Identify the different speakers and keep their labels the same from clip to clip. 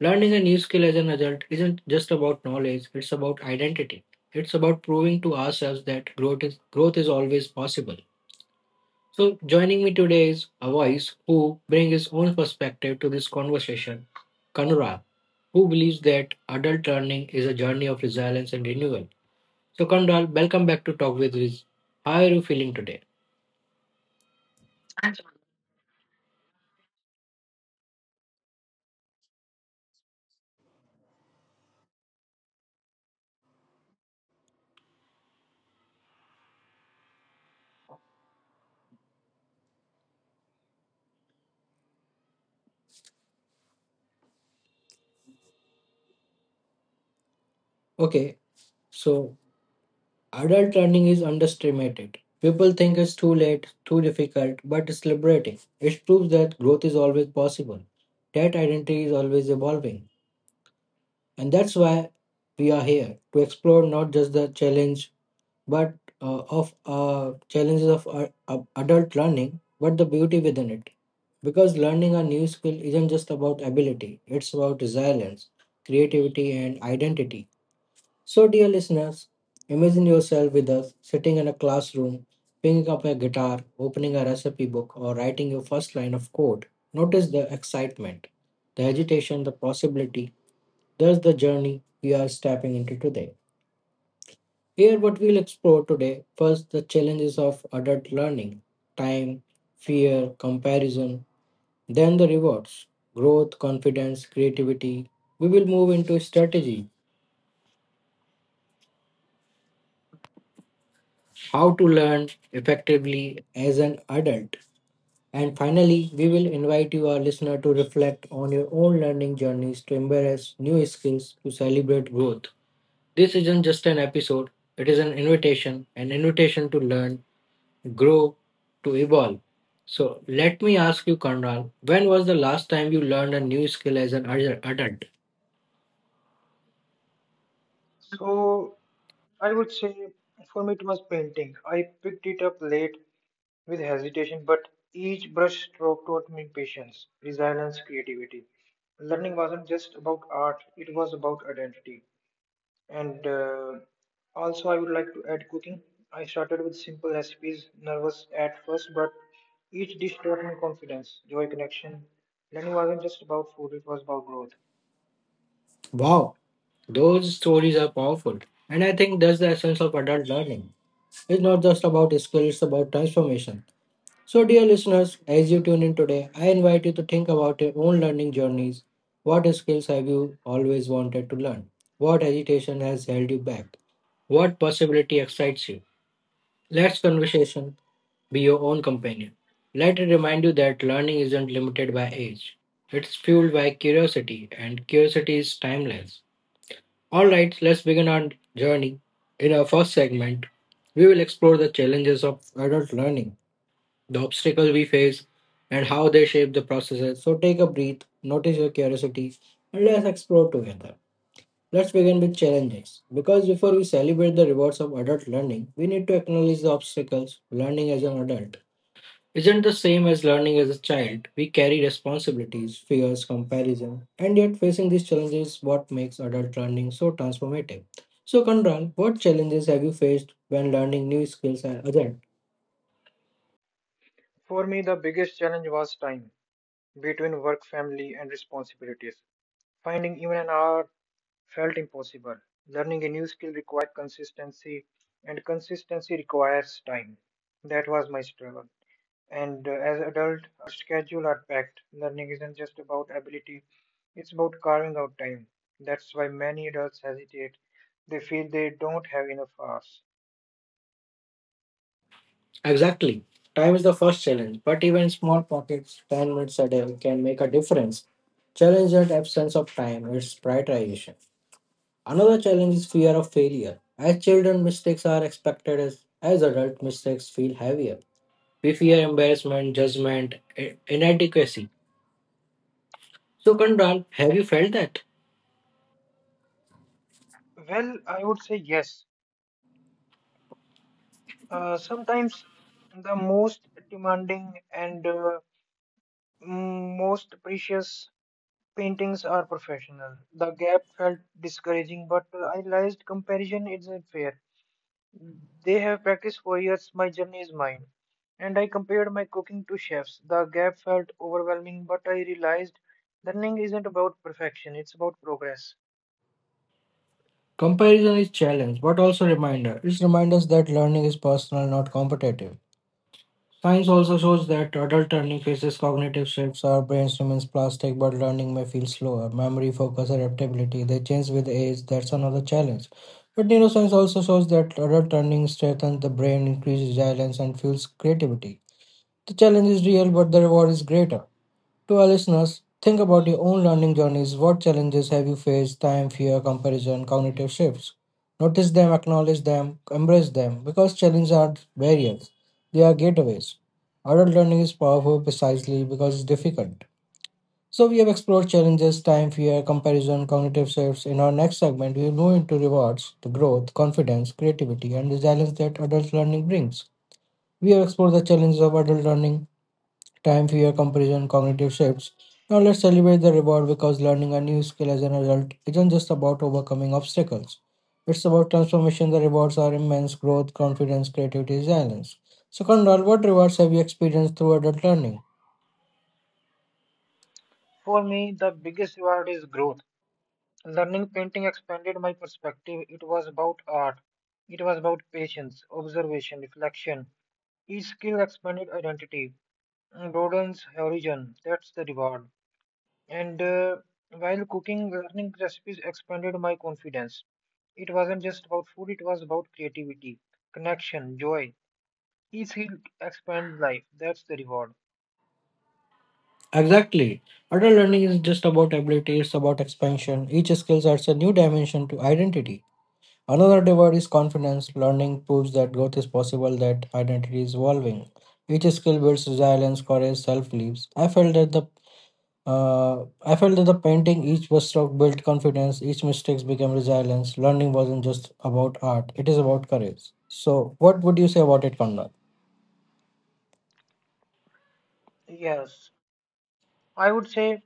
Speaker 1: Learning a new skill as an adult isn't just about knowledge, it's about identity. It's about proving to ourselves that growth is always possible. So, joining me today is a voice who brings his own perspective to this conversation, Kanura, who believes that adult learning is a journey of resilience and renewal. So, Kondal, welcome back to Talk with Riz. How are you feeling today? Okay, so adult learning is underestimated. People think it's too late, too difficult, but it's liberating. It proves that growth is always possible, that identity is always evolving. And that's why we are here to explore not just the challenge but of challenges of adult learning, but the beauty within it. Because learning a new skill isn't just about ability, it's about resilience, creativity, and identity. So, dear listeners, imagine yourself with us sitting in a classroom, picking up a guitar, opening a recipe book, or writing your first line of code. Notice the excitement, the agitation, the possibility. There's the journey we are stepping into today. Here, what we'll explore today first, the challenges of adult learning time, fear, comparison, then the rewards growth, confidence, creativity. We will move into strategy how to learn effectively as an adult. And finally, we will invite you, our listener, to reflect on your own learning journeys, to embrace new skills, to celebrate growth. This isn't just an episode, it is an invitation to learn grow, to evolve. So let me ask you, Conrad, when was the last time you learned a new skill as an adult?
Speaker 2: So I would say for me it was painting. I picked it up late with hesitation, but each brush stroke taught me patience, resilience, creativity. Learning wasn't just about art, it was about identity. And also, I would like to add cooking. I started with simple recipes, nervous at first, but each dish taught me confidence, joy, connection. Learning wasn't just about food, it was about growth.
Speaker 1: Wow, those stories are powerful. And I think that's the essence of adult learning. It's not just about skills, it's about transformation. So, dear listeners, as you tune in today, I invite you to think about your own learning journeys. What skills have you always wanted to learn? What hesitation has held you back? What possibility excites you? Let's conversation be your own companion. Let it remind you that learning isn't limited by age. It's fueled by curiosity, and curiosity is timeless. Alright, let's begin our journey. In our first segment, we will explore the challenges of adult learning, the obstacles we face, and how they shape the processes. So take a breath, notice your curiosity, and let's explore together. Let's begin with challenges. Because before we celebrate the rewards of adult learning, we need to acknowledge the obstacles learning as an adult isn't the same as learning as a child. We carry responsibilities, fears, comparison, and yet facing these challenges is what makes adult learning so transformative. So, Kandran, what challenges have you faced when learning new skills as adult?
Speaker 2: For me, the biggest challenge was time, between work, family, and responsibilities. Finding even an hour felt impossible. Learning a new skill required consistency, and consistency requires time. That was my struggle. And as adult, schedule are packed. Learning isn't just about ability; it's about carving out time. That's why many adults hesitate. They feel they don't have enough hours.
Speaker 1: Exactly. Time is the first challenge, but even small pockets, 10 minutes a day, can make a difference. Challenge that absence of time is prioritization. Another challenge is fear of failure. As children, mistakes are expected as adult mistakes feel heavier. We fear embarrassment, judgment, inadequacy. So, Kandran, have you felt that?
Speaker 2: Well, I would say yes. Sometimes the most demanding and most precious paintings are professional. The gap felt discouraging, but I realized comparison isn't fair. They have practiced for years, my journey is mine. And I compared my cooking to chefs. The gap felt overwhelming, but I realized learning isn't about perfection, it's about progress.
Speaker 1: Comparison is challenge, but also reminder. It reminds us that learning is personal, not competitive. Science also shows that adult learning faces cognitive shifts. Our brains remains plastic, but learning may feel slower. Memory, focus, adaptability, they change with age. That's another challenge. But neuroscience also shows that adult learning strengthens the brain, increases resilience, and fuels creativity. The challenge is real, but the reward is greater. To our listeners, think about your own learning journeys. What challenges have you faced? Time, fear, comparison, cognitive shifts. Notice them, acknowledge them, embrace them, because challenges aren't barriers, they are gateways. Adult learning is powerful precisely because it's difficult. So, we have explored challenges, time, fear, comparison, cognitive shifts. In our next segment, we will move into rewards, the growth, confidence, creativity, and resilience that adult learning brings. We have explored the challenges of adult learning, time, fear, comparison, cognitive shifts. Now let's celebrate the reward because learning a new skill as an adult isn't just about overcoming obstacles. It's about transformation. The rewards are immense growth, confidence, creativity, resilience. So, Kondal, what rewards have you experienced through adult learning?
Speaker 2: For me, the biggest reward is growth. Learning painting expanded my perspective. It was about art, it was about patience, observation, reflection. Each skill expanded identity, and broadens horizon. That's the reward. And while cooking, learning recipes expanded my confidence. It wasn't just about food; it was about creativity, connection, joy. Each skill expands life. That's the reward.
Speaker 1: Exactly. Adult learning is just about ability, it's about expansion. Each skill adds a new dimension to identity. Another divide is confidence. Learning proves that growth is possible, that identity is evolving. Each skill builds resilience, courage, self-beliefs. I felt that the painting, each brushstroke built confidence, each mistake became resilience. Learning wasn't just about art; it is about courage. So, what would you say about it, Kanda?
Speaker 2: Yes, I would say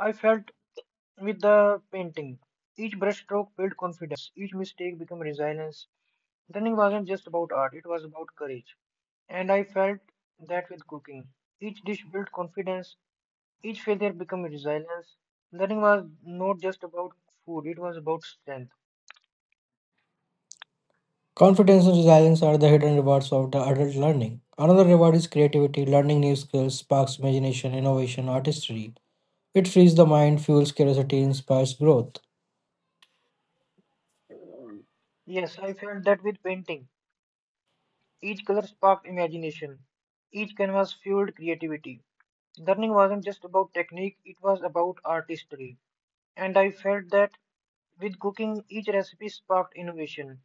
Speaker 2: I felt with the painting. Each brushstroke built confidence. Each mistake became resilience. Learning wasn't just about art; it was about courage. And I felt that with cooking. Each dish built confidence. Each failure became resilience. Learning was not just about food, it was about strength.
Speaker 1: Confidence and resilience are the hidden rewards of the adult learning. Another reward is creativity. Learning new skills sparks imagination, innovation, artistry. It frees the mind, fuels curiosity, inspires growth.
Speaker 2: Yes, I felt that with painting. Each color sparked imagination, each canvas fueled creativity. Learning wasn't just about technique, it was about artistry. And I felt that with cooking, each recipe sparked innovation,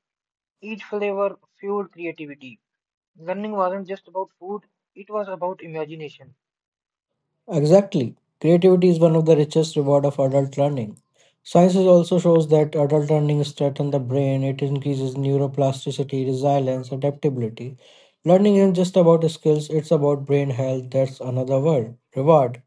Speaker 2: each flavor fueled creativity. Learning wasn't just about food, it was about imagination.
Speaker 1: Exactly. Creativity is one of the richest reward of adult learning. Science is also shows that adult learning strengthens the brain, it increases neuroplasticity, resilience, adaptability. Learning isn't just about skills, it's about brain health. That's another word, reward.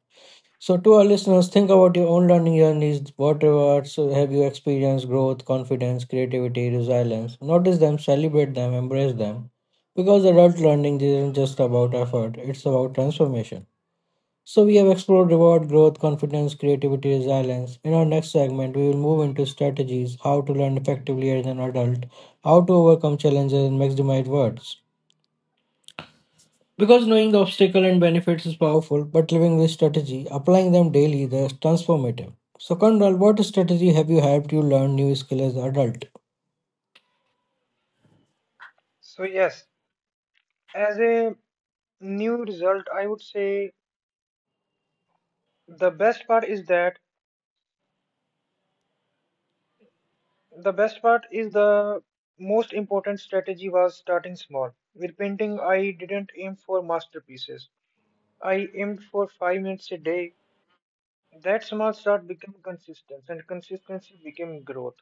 Speaker 1: So to our listeners, think about your own learning journeys. What rewards have you experienced? Growth, confidence, creativity, resilience. Notice them, celebrate them, embrace them. Because adult learning isn't just about effort, it's about transformation. So, we have explored reward, growth, confidence, creativity, resilience. In our next segment, we will move into strategies how to learn effectively as an adult, how to overcome challenges, and maximize words. Because knowing the obstacle and benefits is powerful, but living with strategy, applying them daily, they are transformative. So, Kondal, what strategy have you helped you learn new skill as an adult?
Speaker 2: So, yes, as a new result, I would say the best part is that the best part is the most important strategy was starting small. With painting, I didn't aim for masterpieces. I aimed for 5 minutes a day. That small start became consistency, and consistency became growth.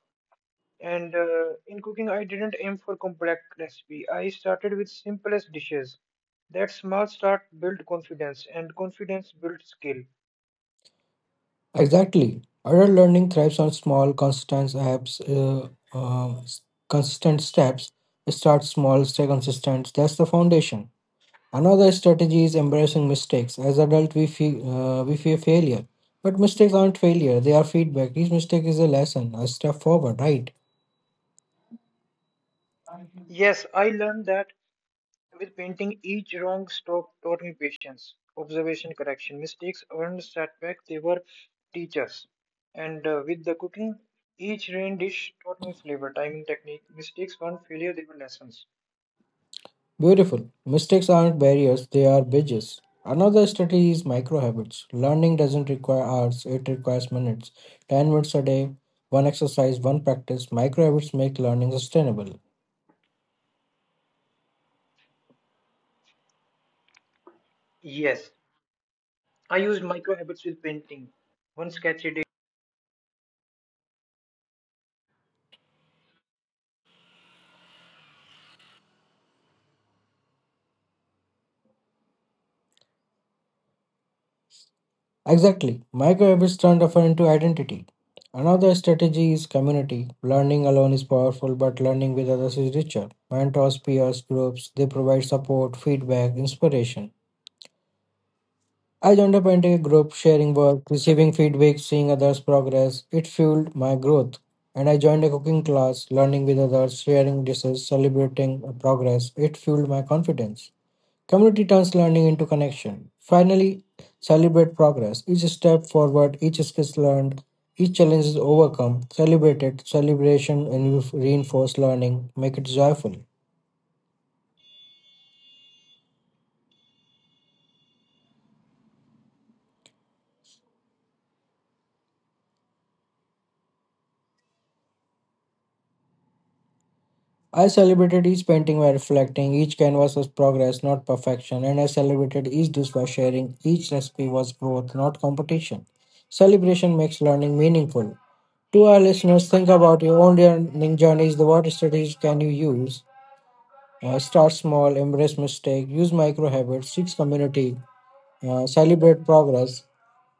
Speaker 2: And in cooking, I didn't aim for complex recipe. I started with simplest dishes. That small start built confidence, and confidence built skill.
Speaker 1: Exactly. Adult learning thrives on small, uh, consistent steps. Start small, stay consistent. That's the foundation. Another strategy is embracing mistakes. As adults, we fear failure, but mistakes aren't failure; they are feedback. Each mistake is a lesson, a step forward. Right?
Speaker 2: Yes, I learned that with painting, each wrong stroke taught me patience, observation, correction. Mistakes were setbacks, they were teachers. And with the cooking, each rain dish taught me flavor, timing, technique. Mistakes weren't failure, they were lessons.
Speaker 1: Beautiful. Mistakes aren't barriers; they are bridges. Another strategy is micro habits. Learning doesn't require hours; it requires minutes. 10 minutes a day, one exercise, one practice. Micro habits make learning sustainable.
Speaker 2: Yes, I used micro habits with painting. One sketch a day.
Speaker 1: Exactly. Microhabits turn effort into identity. Another strategy is community. Learning alone is powerful, but learning with others is richer. Mentors, peers, groups, they provide support, feedback, inspiration. I joined a painting group, sharing work, receiving feedback, seeing others' progress. It fueled my growth. And I joined a cooking class, learning with others, sharing dishes, celebrating progress. It fueled my confidence. Community turns learning into connection. Finally, celebrate progress. Each step forward, each skill learned, each challenge is overcome, celebrate it. Celebration and reinforce learning, make it joyful. I celebrated each painting by reflecting, each canvas was progress, not perfection, and I celebrated each dish by sharing, each recipe was growth, not competition. Celebration makes learning meaningful. To our listeners, think about your own learning journeys. The what strategies can you use? Start small, embrace mistake, use micro habits, seek community, celebrate progress.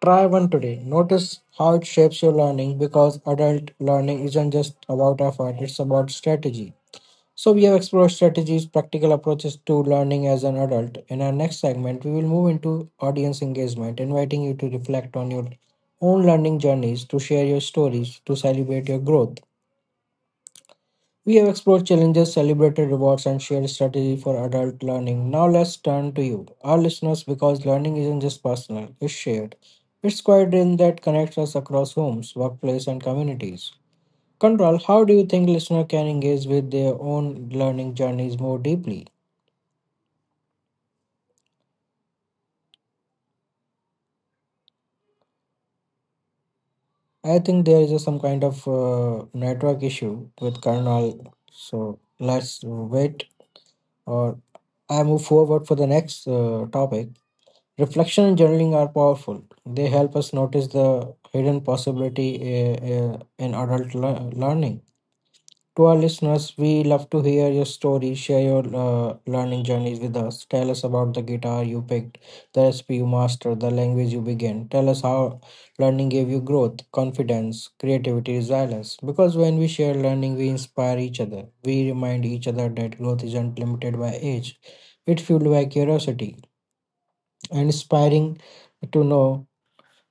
Speaker 1: Try one today. Notice how it shapes your learning because adult learning isn't just about effort, it's about strategy. So, we have explored strategies, practical approaches to learning as an adult. In our next segment, we will move into audience engagement, inviting you to reflect on your own learning journeys, to share your stories, to celebrate your growth. We have explored challenges, celebrated rewards, and shared strategy for adult learning. Now let's turn to you, our listeners, because learning isn't just personal, it's shared. It's quite in that connects us across homes, workplace, and communities. Control, how do you think listener can engage with their own learning journeys more deeply? I think there is some kind of network issue with kernel. So let's wait, or I move forward for the next topic. Reflection and journaling are powerful. They help us notice the hidden possibility in adult learning. To our listeners, we love to hear your story. Share your learning journeys with us. Tell us about the guitar you picked, the recipe you mastered, the language you began. Tell us how learning gave you growth, confidence, creativity, resilience. Because when we share learning, we inspire each other. We remind each other that growth isn't limited by age, it's fueled by curiosity and inspiring to know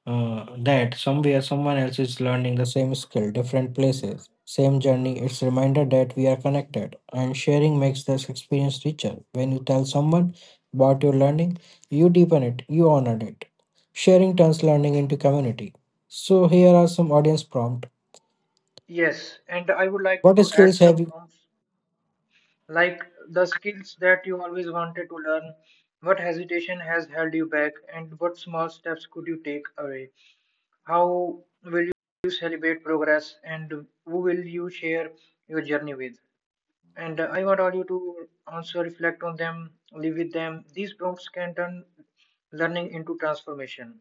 Speaker 1: that somewhere someone else is learning the same skill, different places, same journey. It's a reminder that we are connected and sharing makes this experience richer. When you tell someone about your learning, you deepen it, you honor it. Sharing turns learning into community. So here are some audience prompt.
Speaker 2: Yes, and I would like
Speaker 1: What
Speaker 2: to add
Speaker 1: skills have
Speaker 2: some
Speaker 1: you
Speaker 2: prompts like the skills that you always wanted to learn, what hesitation has held you back, and what small steps could you take away. How will you celebrate progress, and who will you share your journey with? And I want all you to also reflect on them, live with them. These prompts can turn learning into transformation.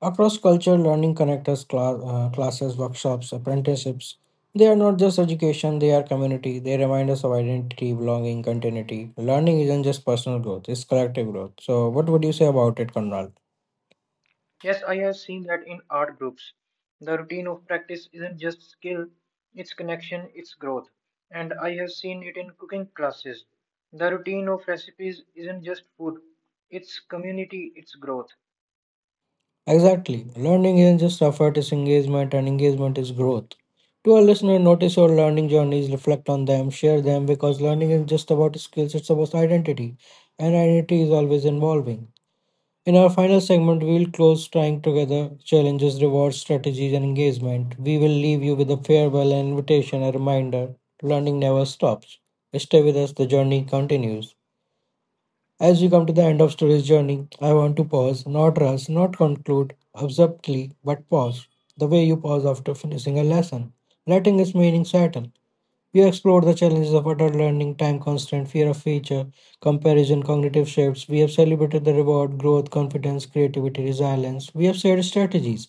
Speaker 1: Across culture, learning connectors, class, classes, workshops, apprenticeships, they are not just education, they are community. They remind us of identity, belonging, continuity. Learning isn't just personal growth, it's collective growth. So, what would you say about it, Conrad?
Speaker 2: Yes, I have seen that in art groups. The routine of practice isn't just skill, it's connection, it's growth. And I have seen it in cooking classes. The routine of recipes isn't just food, it's community, it's growth.
Speaker 1: Exactly. Learning isn't just effort, it's engagement, and engagement is growth. To our listener, notice your learning journeys, reflect on them, share them, because learning is just about skills, it's about identity. And identity is always evolving. In our final segment, we will close trying together challenges, rewards, strategies, and engagement. We will leave you with a farewell, an invitation, a reminder. Learning never stops. Stay with us, the journey continues. As we come to the end of today's journey, I want to pause, not rush, not conclude abruptly, but pause. The way you pause after finishing a lesson, letting its meaning settle. We explored the challenges of adult learning, time constraint, fear of feature, comparison, cognitive shifts. We have celebrated the reward, growth, confidence, creativity, resilience. We have shared strategies.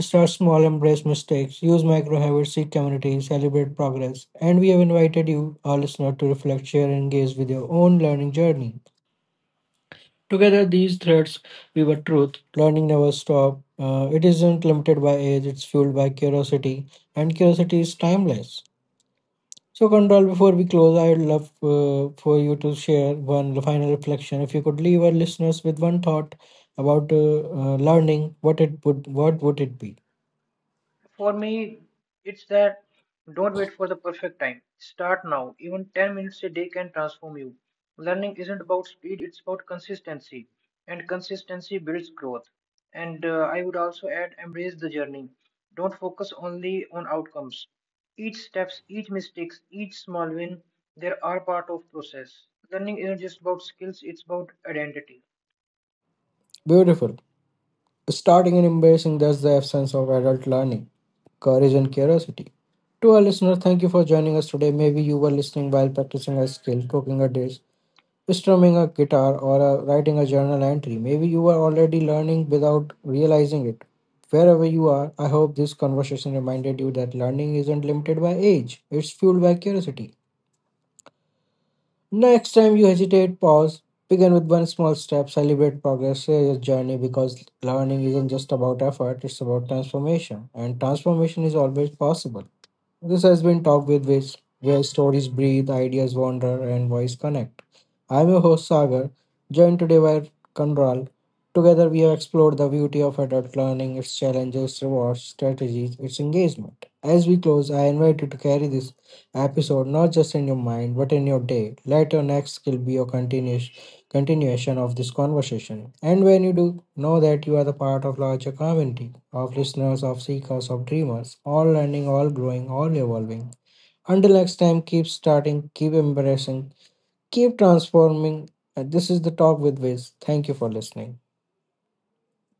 Speaker 1: Start small, embrace mistakes, use micro habits, seek community, celebrate progress. And we have invited you, our listener, to reflect, share, and engage with your own learning journey. Together, these threads weave a truth. Learning never stops. It isn't limited by age, it's fueled by curiosity, and curiosity is timeless. So, Control, before we close, I would love for you to share one final reflection. If you could leave our listeners with one thought about learning, what it would, what would it be?
Speaker 2: For me, it's that don't wait for the perfect time. Start now. Even 10 minutes a day can transform you. Learning isn't about speed, it's about consistency. And consistency builds growth. And I would also add embrace the journey. Don't focus only on outcomes. Each steps, each mistakes, each small win, they are part of process. Learning isn't just about skills, it's about identity.
Speaker 1: Beautiful. Starting and embracing that's the essence of adult learning, courage and curiosity. To our listener, thank you for joining us today. Maybe you were listening while practicing a skill, cooking a dish, strumming a guitar or writing a journal entry. Maybe you are already learning without realizing it. Wherever you are, I hope this conversation reminded you that learning isn't limited by age, it's fueled by curiosity. Next time you hesitate, pause, begin with one small step, celebrate progress, share your journey because learning isn't just about effort, it's about transformation, and transformation is always possible. This has been Talk with Wiz, where stories breathe, ideas wander, and voice connect. I'm your host Sagar, joined today by Kanral. Together, we have explored the beauty of adult learning, its challenges, rewards, strategies, its engagement. As we close, I invite you to carry this episode not just in your mind but in your day. Let your next skill be your continuation of this conversation. And when you do, know that you are the part of larger community of listeners, of seekers, of dreamers, all learning, all growing, all evolving. Until next time, keep starting, keep embracing, keep transforming. And this is the Talk with Wiz. Thank you for listening.